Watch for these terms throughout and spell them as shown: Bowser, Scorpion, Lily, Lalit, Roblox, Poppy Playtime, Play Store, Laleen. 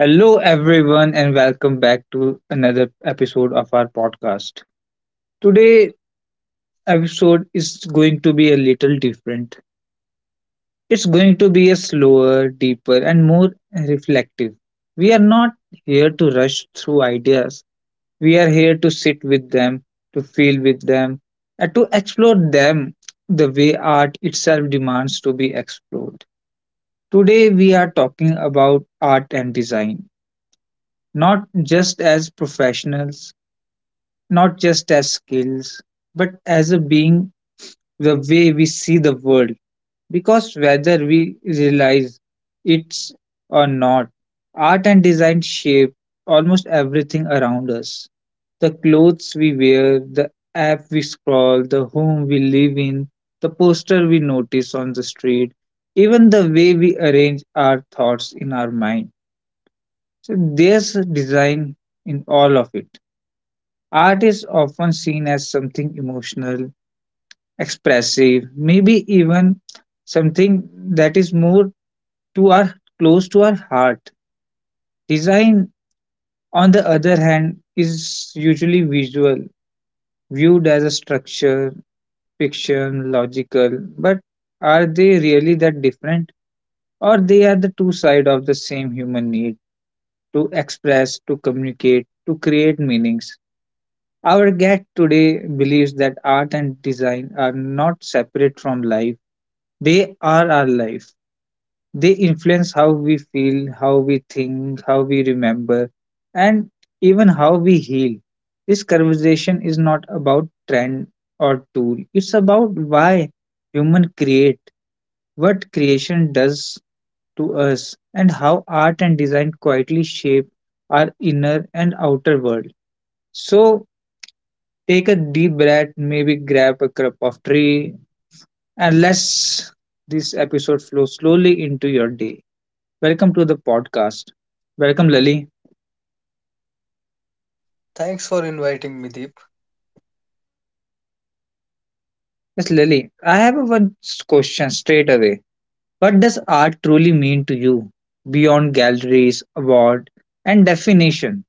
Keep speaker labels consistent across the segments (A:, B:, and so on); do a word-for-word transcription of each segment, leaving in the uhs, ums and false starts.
A: Hello, everyone, and welcome back to another episode of our podcast. Today episode is going to be a little different. It's going to be a slower, deeper, and more reflective. We are not here to rush through ideas. We are here to sit with them, to feel with them, and to explore them the way art itself demands to be explored. Today we are talking about art and design, not just as professionals, not just as skills, but as a being, the way we see the world. Because whether we realize it's or not, art and design shape almost everything around us. The clothes we wear, the app we scroll, the home we live in, the poster we notice on the street, even the way we arrange our thoughts in our mind. So there's a design in all of it. Art is often seen as something emotional, expressive, maybe even something that is more to our close to our heart. Design, on the other hand, is usually visual, viewed as a structure, fiction, logical, but are they really that different? Or they are the two sides of the same human need to express, to communicate, to create meanings. Our guest today believes that art and design are not separate from life. They are our life. They influence how we feel, how we think, how we remember, and even how we heal. This conversation is not about trend or tool, it's about why human create, what creation does to us, and how art and design quietly shape our inner and outer world. So, take a deep breath, maybe grab a cup of tea, and let's this episode flow slowly into your day. Welcome to the podcast. Welcome, Lily.
B: Thanks for inviting me, Deep.
A: Yes, Lily, I have a one question straight away. What does art truly mean to you beyond galleries, award, and definition?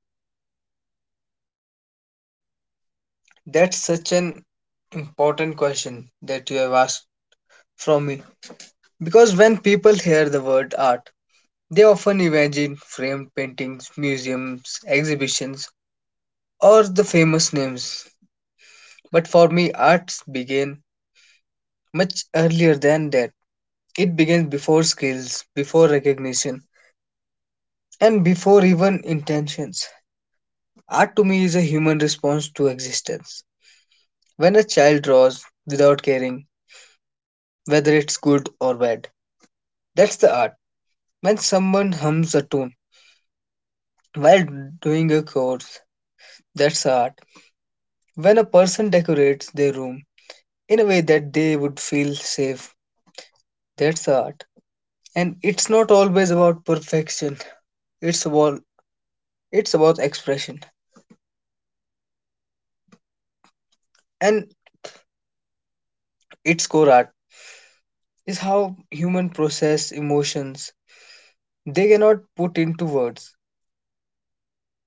B: That's such an important question that you have asked from me. Because when people hear the word art, they often imagine framed paintings, museums, exhibitions, or the famous names. But for me, arts began much earlier than that. It began before skills, before recognition, and before even intentions. Art to me is a human response to existence. When a child draws without caring, whether it's good or bad, that's the art. When someone hums a tune while doing a chorus, that's art. When a person decorates their room in a way that they would feel safe, that's art. And it's not always about perfection. It's about it's about expression. And its core art is how human process emotions they cannot put into words.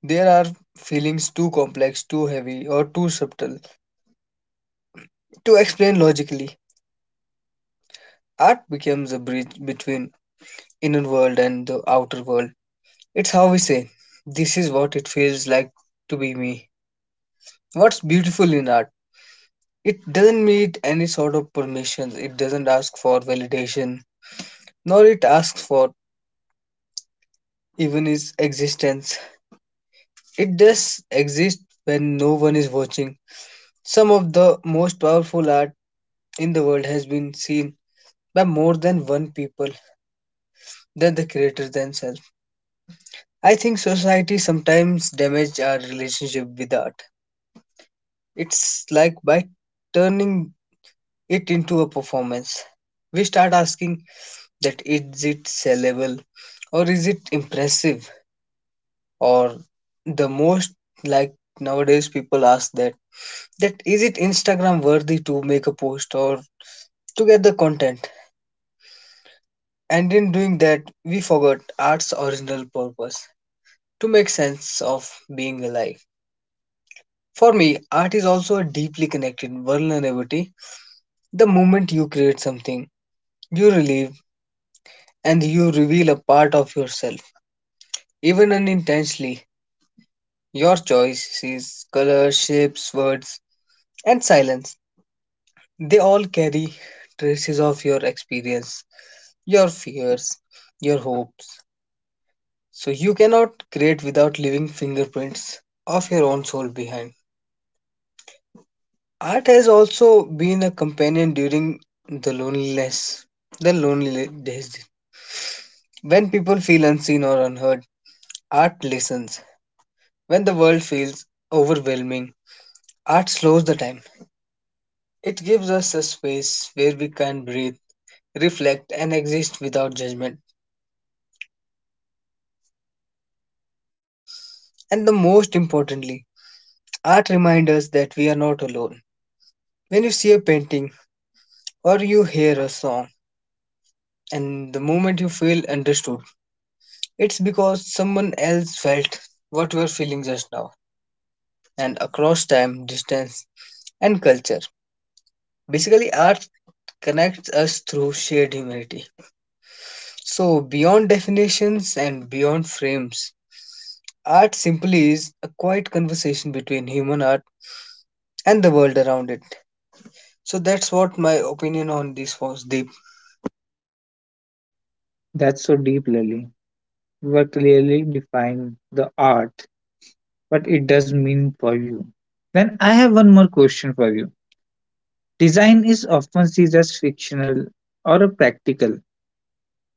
B: There are feelings too complex, too heavy, or too subtle to explain logically. Art becomes a bridge between inner world and the outer world. It's how we say, this is what it feels like to be me. What's beautiful in art? It doesn't need any sort of permission. It doesn't ask for validation, nor it asks for even its existence. It does exist when no one is watching. Some of the most powerful art in the world has been seen by more than one people than the creators themselves. I think society sometimes damage our relationship with art. It's like by turning it into a performance. We start asking, that is it sellable, or is it impressive, or the most, like nowadays people ask that that, is it Instagram worthy to make a post or to get the content? And in doing that we forgot art's original purpose, to make sense of being alive. For me, art is also a deeply connected vulnerability. The moment you create something, you relieve and you reveal a part of yourself, even unintentionally. Your choices, colors, shapes, words, and silence, they all carry traces of your experience, your fears, your hopes. So you cannot create without leaving fingerprints of your own soul behind. Art has also been a companion during the loneliness, the lonely days. When people feel unseen or unheard, art listens. When the world feels overwhelming, art slows the time. It gives us a space where we can breathe, reflect, and exist without judgment. And the most importantly, art reminds us that we are not alone. When you see a painting or you hear a song, and the moment you feel understood, it's because someone else felt what we're feeling just now, and across time, distance, and culture. Basically, art connects us through shared humanity. So, beyond definitions and beyond frames, art simply is a quiet conversation between human art and the world around it. So, that's what my opinion on this was, Deep.
A: That's so deep, Lily. You are clearly defining the art, what it does mean for you. Then I have one more question for you. Design is often seen as fictional or a practical.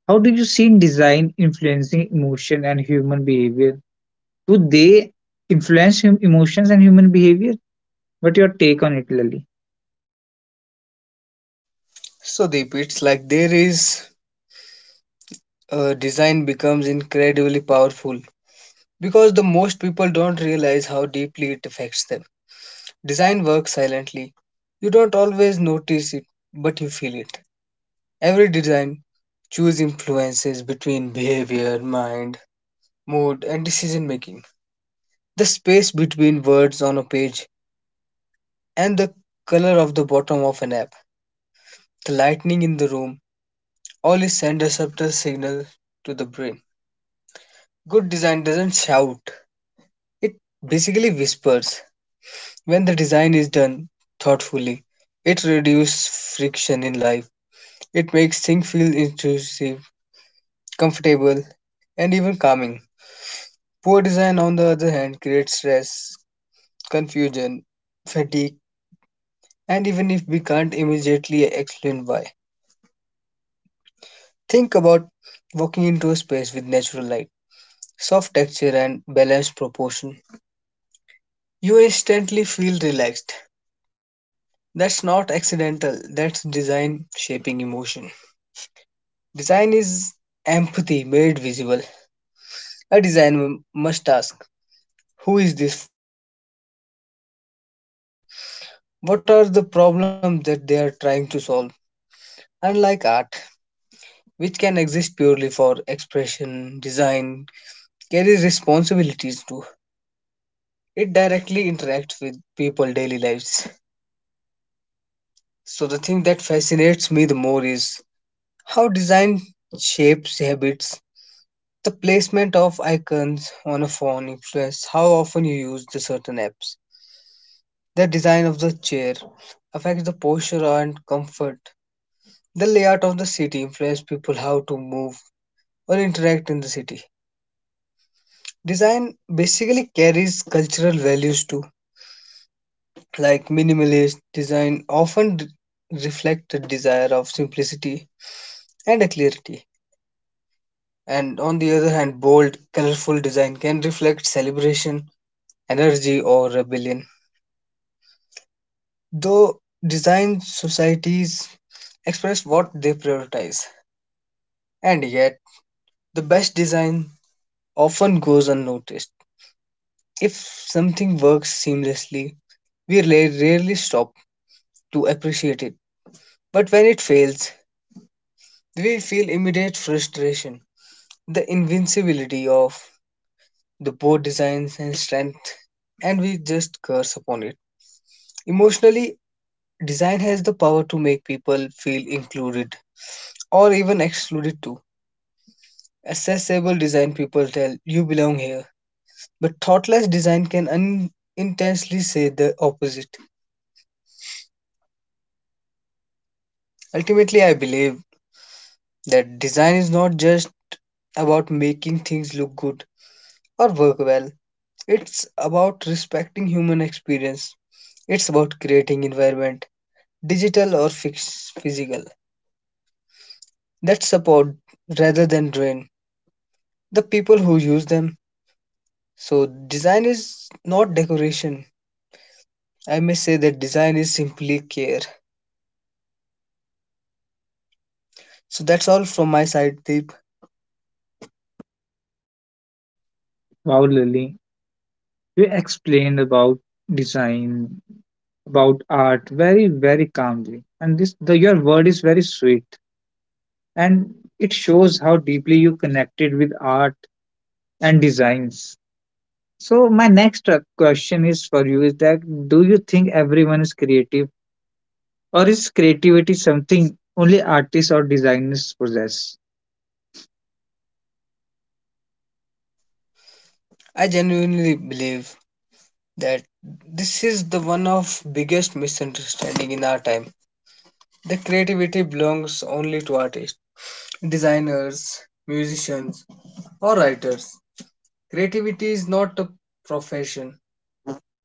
A: How do you see design influencing emotion and human behavior? Do they influence hum- emotions and human behavior? What your take on it, Lily?
B: So, Deep, it's like there is uh, design becomes incredibly powerful because the most people don't realize how deeply it affects them. Design works silently. You don't always notice it, but you feel it. Every design choose influences between behavior, mind, mood, and decision making. The space between words on a page and the color of the bottom of an app, the lightning in the room, all is send a subtle signal to the brain. Good design doesn't shout, it basically whispers. When the design is done thoughtfully, it reduces friction in life. It makes things feel intrusive, comfortable, and even calming. Poor design, on the other hand, creates stress, confusion, fatigue, and even if we can't immediately explain why. Think about walking into a space with natural light, soft texture, and balanced proportion. You instantly feel relaxed. That's not accidental, that's design shaping emotion. Design is empathy made visible. A design must ask, who is this for? What will they feel? What are the problems that they are trying to solve? Unlike art, which can exist purely for expression, design carries responsibilities too. It directly interacts with people' daily lives. So the thing that fascinates me the more is how design shapes habits. The placement of icons on a phone influence how often you use the certain apps. The design of the chair affects the posture and comfort. The layout of the city influences people how to move or interact in the city. Design basically carries cultural values too, like minimalist design often d- reflect the desire of simplicity and clarity. And on the other hand, bold, colorful design can reflect celebration, energy, or rebellion. Though design societies express what they prioritize, and yet the best design often goes unnoticed. If something works seamlessly, we la- rarely stop to appreciate it. But when it fails, we feel immediate frustration, the invincibility of the poor designs and strength, and we just curse upon it. Emotionally, design has the power to make people feel included or even excluded too. Accessible design people tell you belong here, but thoughtless design can unintentionally say the opposite. Ultimately, I believe that design is not just about making things look good or work well. It's about respecting human experience. It's about creating environment, digital or fix- physical, that support rather than drain the people who use them. So design is not decoration. I may say that design is simply care. So that's all from my side, Deep.
A: Wow, Lily, you explained about design, about art very, very calmly, and this the, your word is very sweet, and it shows how deeply you connected with art and designs. So my next uh, question is for you is that do you think everyone is creative or is creativity something only artists or designers possess?
B: I genuinely believe that this is the one of biggest misunderstanding in our time. The creativity belongs only to artists, designers, musicians, or writers. Creativity is not a profession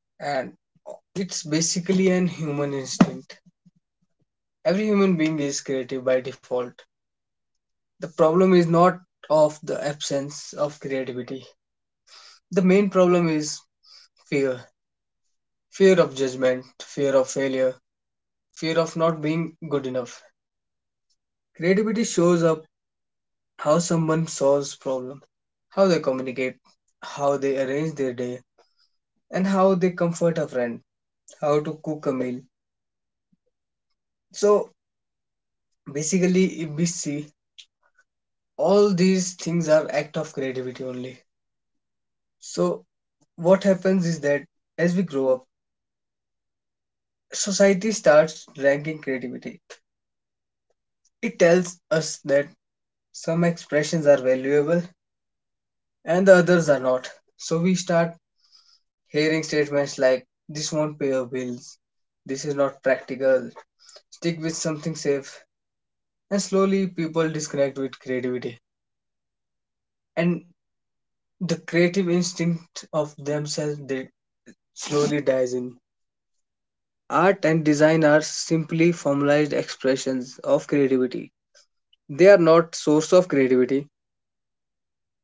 B: and it's basically an human instinct. Every human being is creative by default. The problem is not of the absence of creativity. The main problem is fear, fear of judgment, fear of failure, fear of not being good enough. Creativity shows up how someone solves problem, how they communicate, how they arrange their day, and how they comfort a friend, how to cook a meal. So basically, if we see, all these things are act of creativity only. So what happens is that as we grow up, society starts ranking creativity. It tells us that some expressions are valuable and the others are not. So we start hearing statements like, this won't pay your bills, this is not practical, stick with something safe, and slowly people disconnect with creativity. And the creative instinct of themselves they slowly dies in. Art and design are simply formalized expressions of creativity. They are not source of creativity,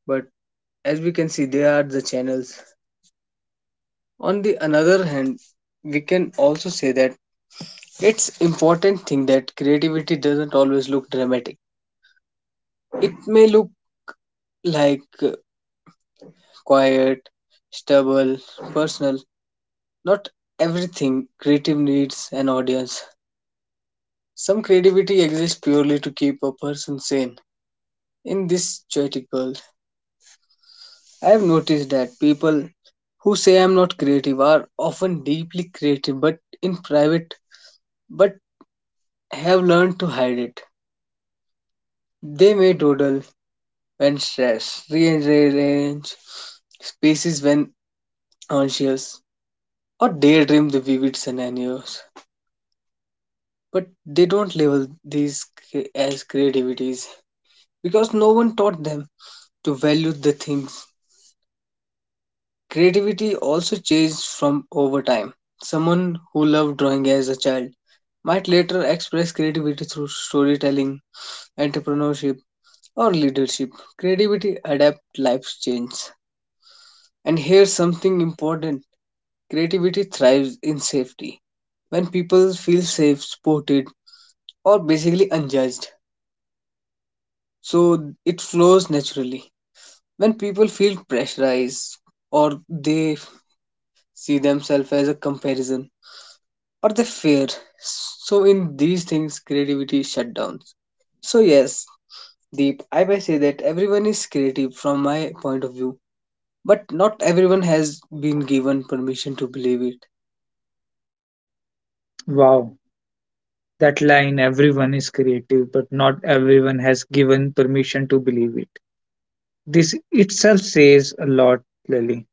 B: but as we can see, they are the channels. On the another hand, we can also say that it's important thing that creativity doesn't always look dramatic. It may look like uh, quiet, stable, personal. Not everything creative needs an audience. Some creativity exists purely to keep a person sane. In this chaotic world, I have noticed that people who say I'm not creative are often deeply creative but in private but have learned to hide it. They may dawdle when stressed, rearrange spaces when anxious, or daydream the vivid scenarios, but they don't label these cre- as creativities because no one taught them to value the things. Creativity also changed from over time. Someone who loved drawing as a child might later express creativity through storytelling, entrepreneurship, or leadership. Creativity adapts life's change. And here's something important, creativity thrives in safety. When people feel safe, supported, or basically unjudged, so it flows naturally. When people feel pressurized or they see themselves as a comparison or they fear, so in these things creativity shutdowns. So yes, Deep, I may say that everyone is creative from my point of view, but not everyone has been given permission to believe it.
A: Wow, that line everyone is creative but not everyone has given permission to believe it. This itself says a lot, Lily.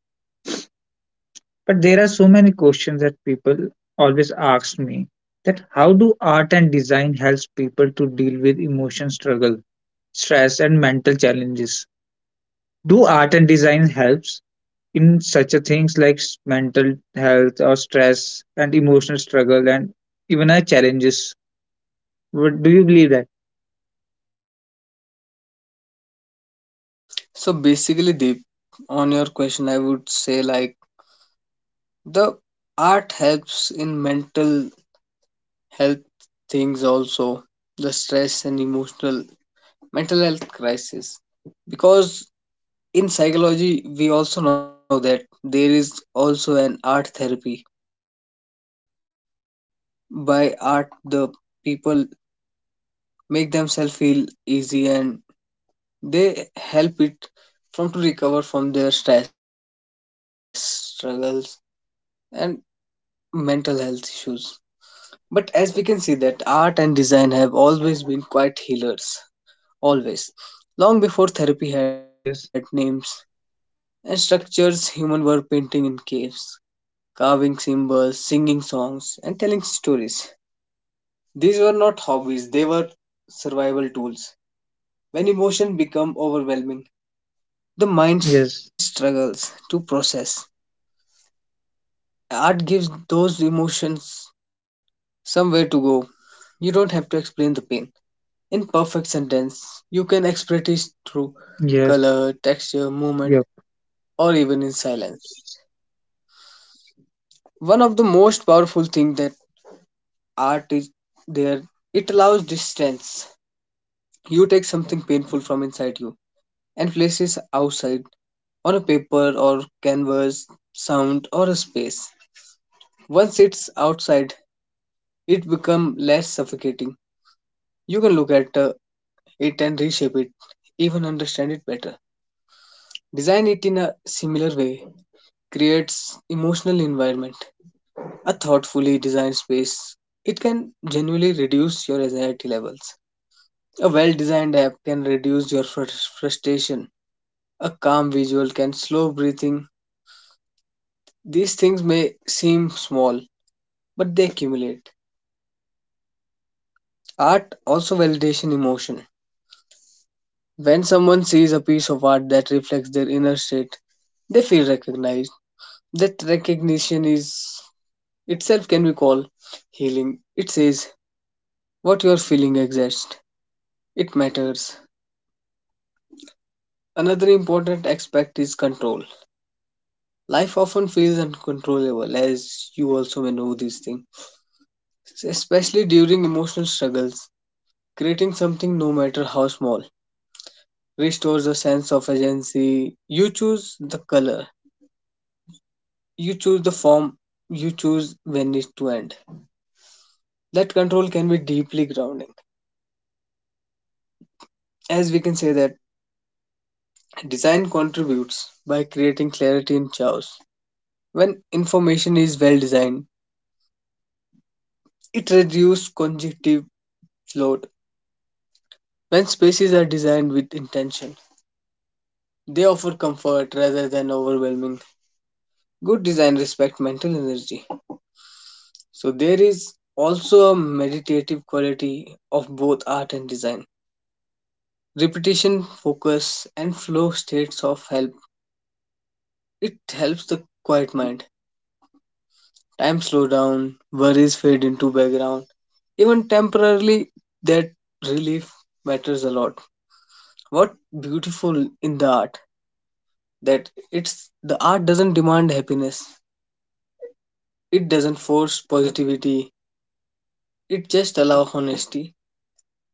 A: But there are so many questions that people always ask me that how do art and design helps people to deal with emotion struggle, stress and mental challenges? Do art and design helps in such a things like s- mental health or stress and emotional struggle and even our challenges? What do you believe that?
B: So basically, Deep, on your question, I would say like the art helps in mental health things also, the stress and emotional mental health crisis, because in psychology we also know that there is also an art therapy. By art, the people make themselves feel easy and they help it from to recover from their stress struggles and mental health issues. But as we can see that art and design have always been quite healers, always long before therapy had
A: Yes,
B: names and structures. Humans were painting in caves, carving symbols, singing songs, and telling stories. These were not hobbies, they were survival tools. When emotion become overwhelming, the mind
A: yes,
B: struggles to process. Art gives those emotions somewhere to go. You don't have to explain the pain. In perfect sentence, you can express it through
A: yes,
B: color, texture,
A: yep.
B: movement, or even in silence. One of the most powerful things that art is there, it allows from inside you and place it outside on a paper or canvas, sound or a space. Once it's outside, it becomes less suffocating. You can look at uh, it and reshape it, even understand it better. Design it in a similar way creates emotional environment. A thoughtfully designed space, it can genuinely reduce your anxiety levels. A well designed app can reduce your frus- frustration. A calm visual can slow breathing. These things may seem small, but they accumulate. Art also validation emotion. When someone sees a piece of art that reflects their inner state, they feel recognized. That recognition is itself can be called healing. It says what you are feeling exists. It matters. Another important aspect is control. Life often feels uncontrollable, as you also may know these things, especially during emotional struggles. Creating something, no matter how small, restores a sense of agency. You choose the color, you choose the form, you choose when it to end. That control can be deeply grounding, as we can say that design contributes by creating clarity in chaos. When information is well designed, it reduces cognitive load. When spaces are designed with intention, they offer comfort rather than overwhelming. Good design respects mental energy. So there is also a meditative quality of both art and design. Repetition, focus, and flow states of help. It helps the quiet mind. Time slow down, worries fade into background. Even temporarily, that relief matters a lot. What beautiful in the art that it's the art doesn't demand happiness. It doesn't force positivity. It just allow honesty,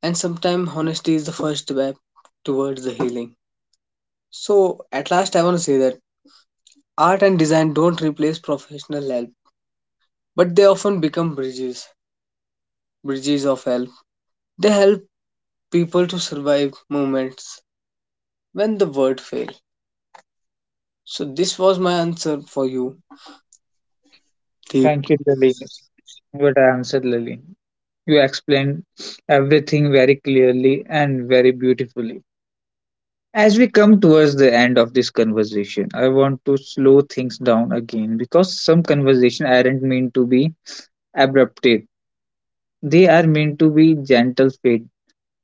B: and sometimes honesty is the first step towards the healing. So, at last, I want to say that art and design don't replace professional help, but they often become bridges, bridges of help. They help people to survive moments when the world fails. So, this was my answer for you, Deep.
A: Thank you, Laleen. What I answered, Laleen. You explained everything very clearly and very beautifully. As we come towards the end of this conversation, I want to slow things down again because some conversation aren't meant to be abrupted. They are meant to be gentle,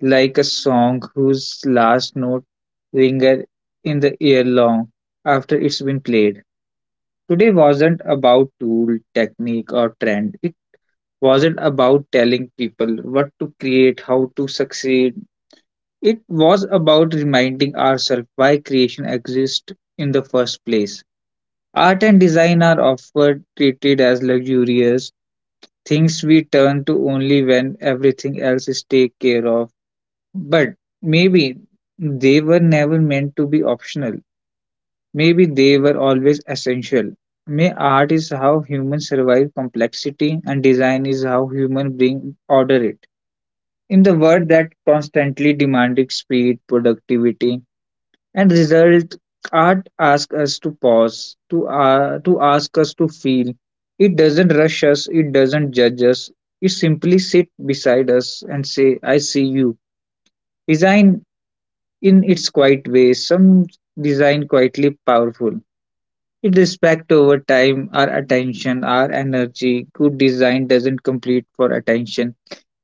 A: like a song whose last note linger in the ear long after it's been played. Today wasn't about tool, technique, or trend. It wasn't about telling people what to create, how to succeed. It was about reminding ourselves why creation exists in the first place. Art and design are often treated as luxurious things we turn to only when everything else is taken care of. But maybe they were never meant to be optional. Maybe they were always essential. May art is how humans survive complexity, and design is how humans bring order it. In the world that constantly demanding speed, productivity, and result, art asks us to pause, to uh, to ask us to feel. It doesn't rush us. It doesn't judge us. It simply sit beside us and say, "I see you." Design, in its quiet way, some design quietly powerful. It respect over time, our attention, our energy. Good design doesn't compete for attention.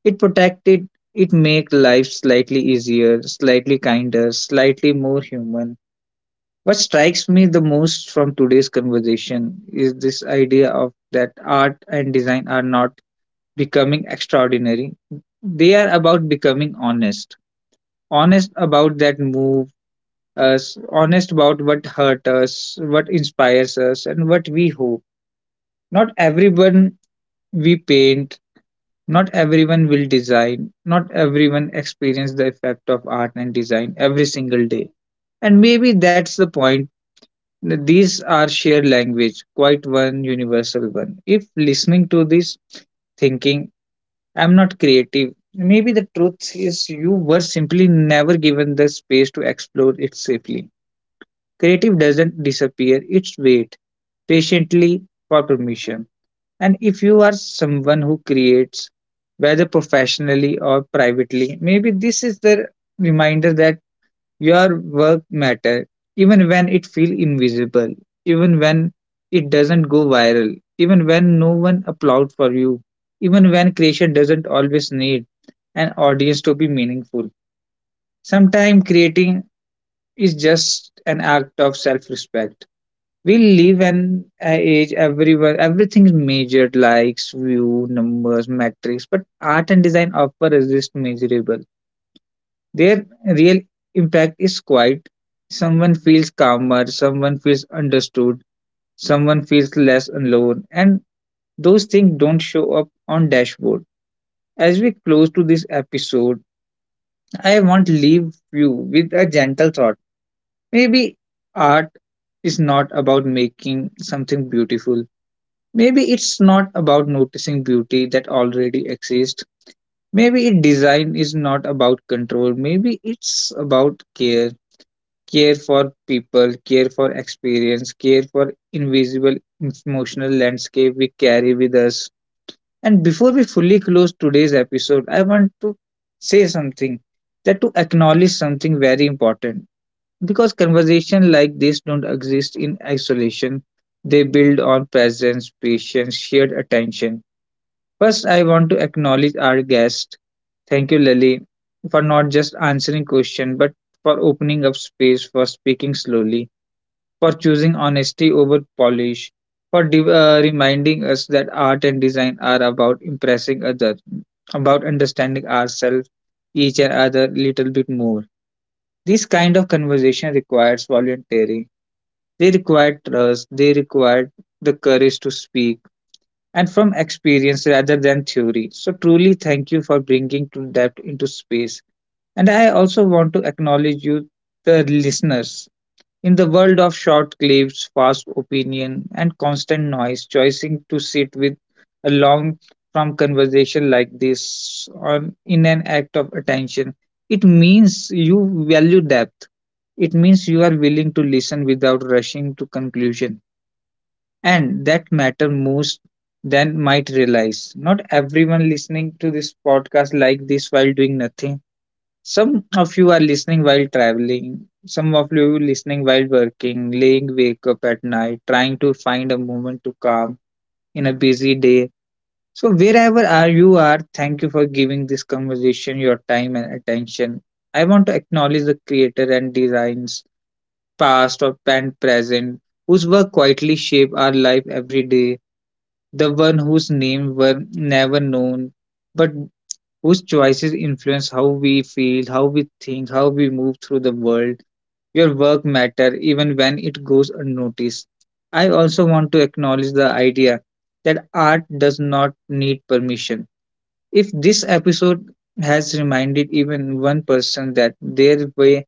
A: It protect it. It make life slightly easier, slightly kinder, slightly more human. What strikes me the most from today's conversation is this idea of that art and design are not becoming extraordinary. They are about becoming honest, honest about that move us, honest about what hurt us, what inspires us, and what we hope. Not everyone we paint, not everyone will design, not everyone experience the effect of art and design every single day. And maybe that's the point. These are shared language, quite one universal one. If listening to this, thinking, I'm not creative, maybe the truth is you were simply never given the space to explore it safely. Creative doesn't disappear, it's wait patiently for permission. And if you are someone who creates, whether professionally or privately, maybe this is the reminder that your work matter, even when it feels invisible, even when it doesn't go viral, even when no one applauds for you, even when creation doesn't always need an audience to be meaningful. Sometimes creating is just an act of self respect. We live in an age everywhere everything is measured, likes, view numbers, metrics, but art and design offer resist measurable. Their real impact is quite someone feels calmer, someone feels understood, someone feels less alone, and those things don't show up on dashboard. As we close to this episode, I want to leave you with a gentle thought. Maybe art is not about making something beautiful. Maybe it's not about noticing beauty that already exists. Maybe it design is not about control. Maybe it's about care. Care for people, care for experience, care for invisible emotional landscape we carry with us. And before we fully close today's episode, I want to say something, that to acknowledge something very important, because conversation like this don't exist in isolation. They build on presence, patience, shared attention. First, I want to acknowledge our guest. Thank you, Lily, for not just answering questions, but for opening up space, for speaking slowly, for choosing honesty over polish, for div- uh, reminding us that art and design are about impressing others, about understanding ourselves, each and other little bit more. This kind of conversation requires volunteering. They require trust. They require the courage to speak and from experience rather than theory. So, truly thank you for bringing to depth into space. And I also want to acknowledge you, the listeners. In the world of short clips, fast opinion, and constant noise, choosing to sit with a long form conversation like this on, in an act of attention, it means you value depth. It means you are willing to listen without rushing to conclusion, and that matter most than might realize. Not everyone listening to this podcast like this while doing nothing. Some of you are listening while traveling. Some of you listening while working, laying wake up at night, trying to find a moment to calm in a busy day. So wherever are you are, thank you for giving this conversation your time and attention. I want to acknowledge the creator and designs, past or and present, whose work quietly shape our life every day, the one whose name were never known, but whose choices influence how we feel, how we think, how we move through the world. Your work matter even when it goes unnoticed. I also want to acknowledge the idea that art does not need permission. If this episode has reminded even one person that their way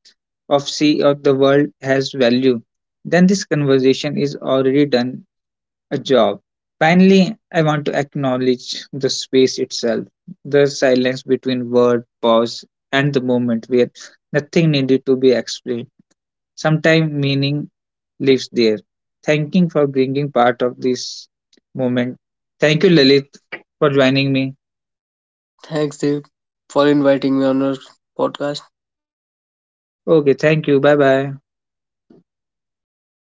A: of see of the world has value, then this conversation is already done a job. Finally, I want to acknowledge the space itself, the silence between word, pause, and the moment where nothing needed to be explained. Sometimes meaning lives there. Thanking for bringing part of this moment. Thank you, Lalit, for joining me.
B: Thanks, Deep, for inviting me on your podcast.
A: Okay, thank you. Bye bye.
B: All right.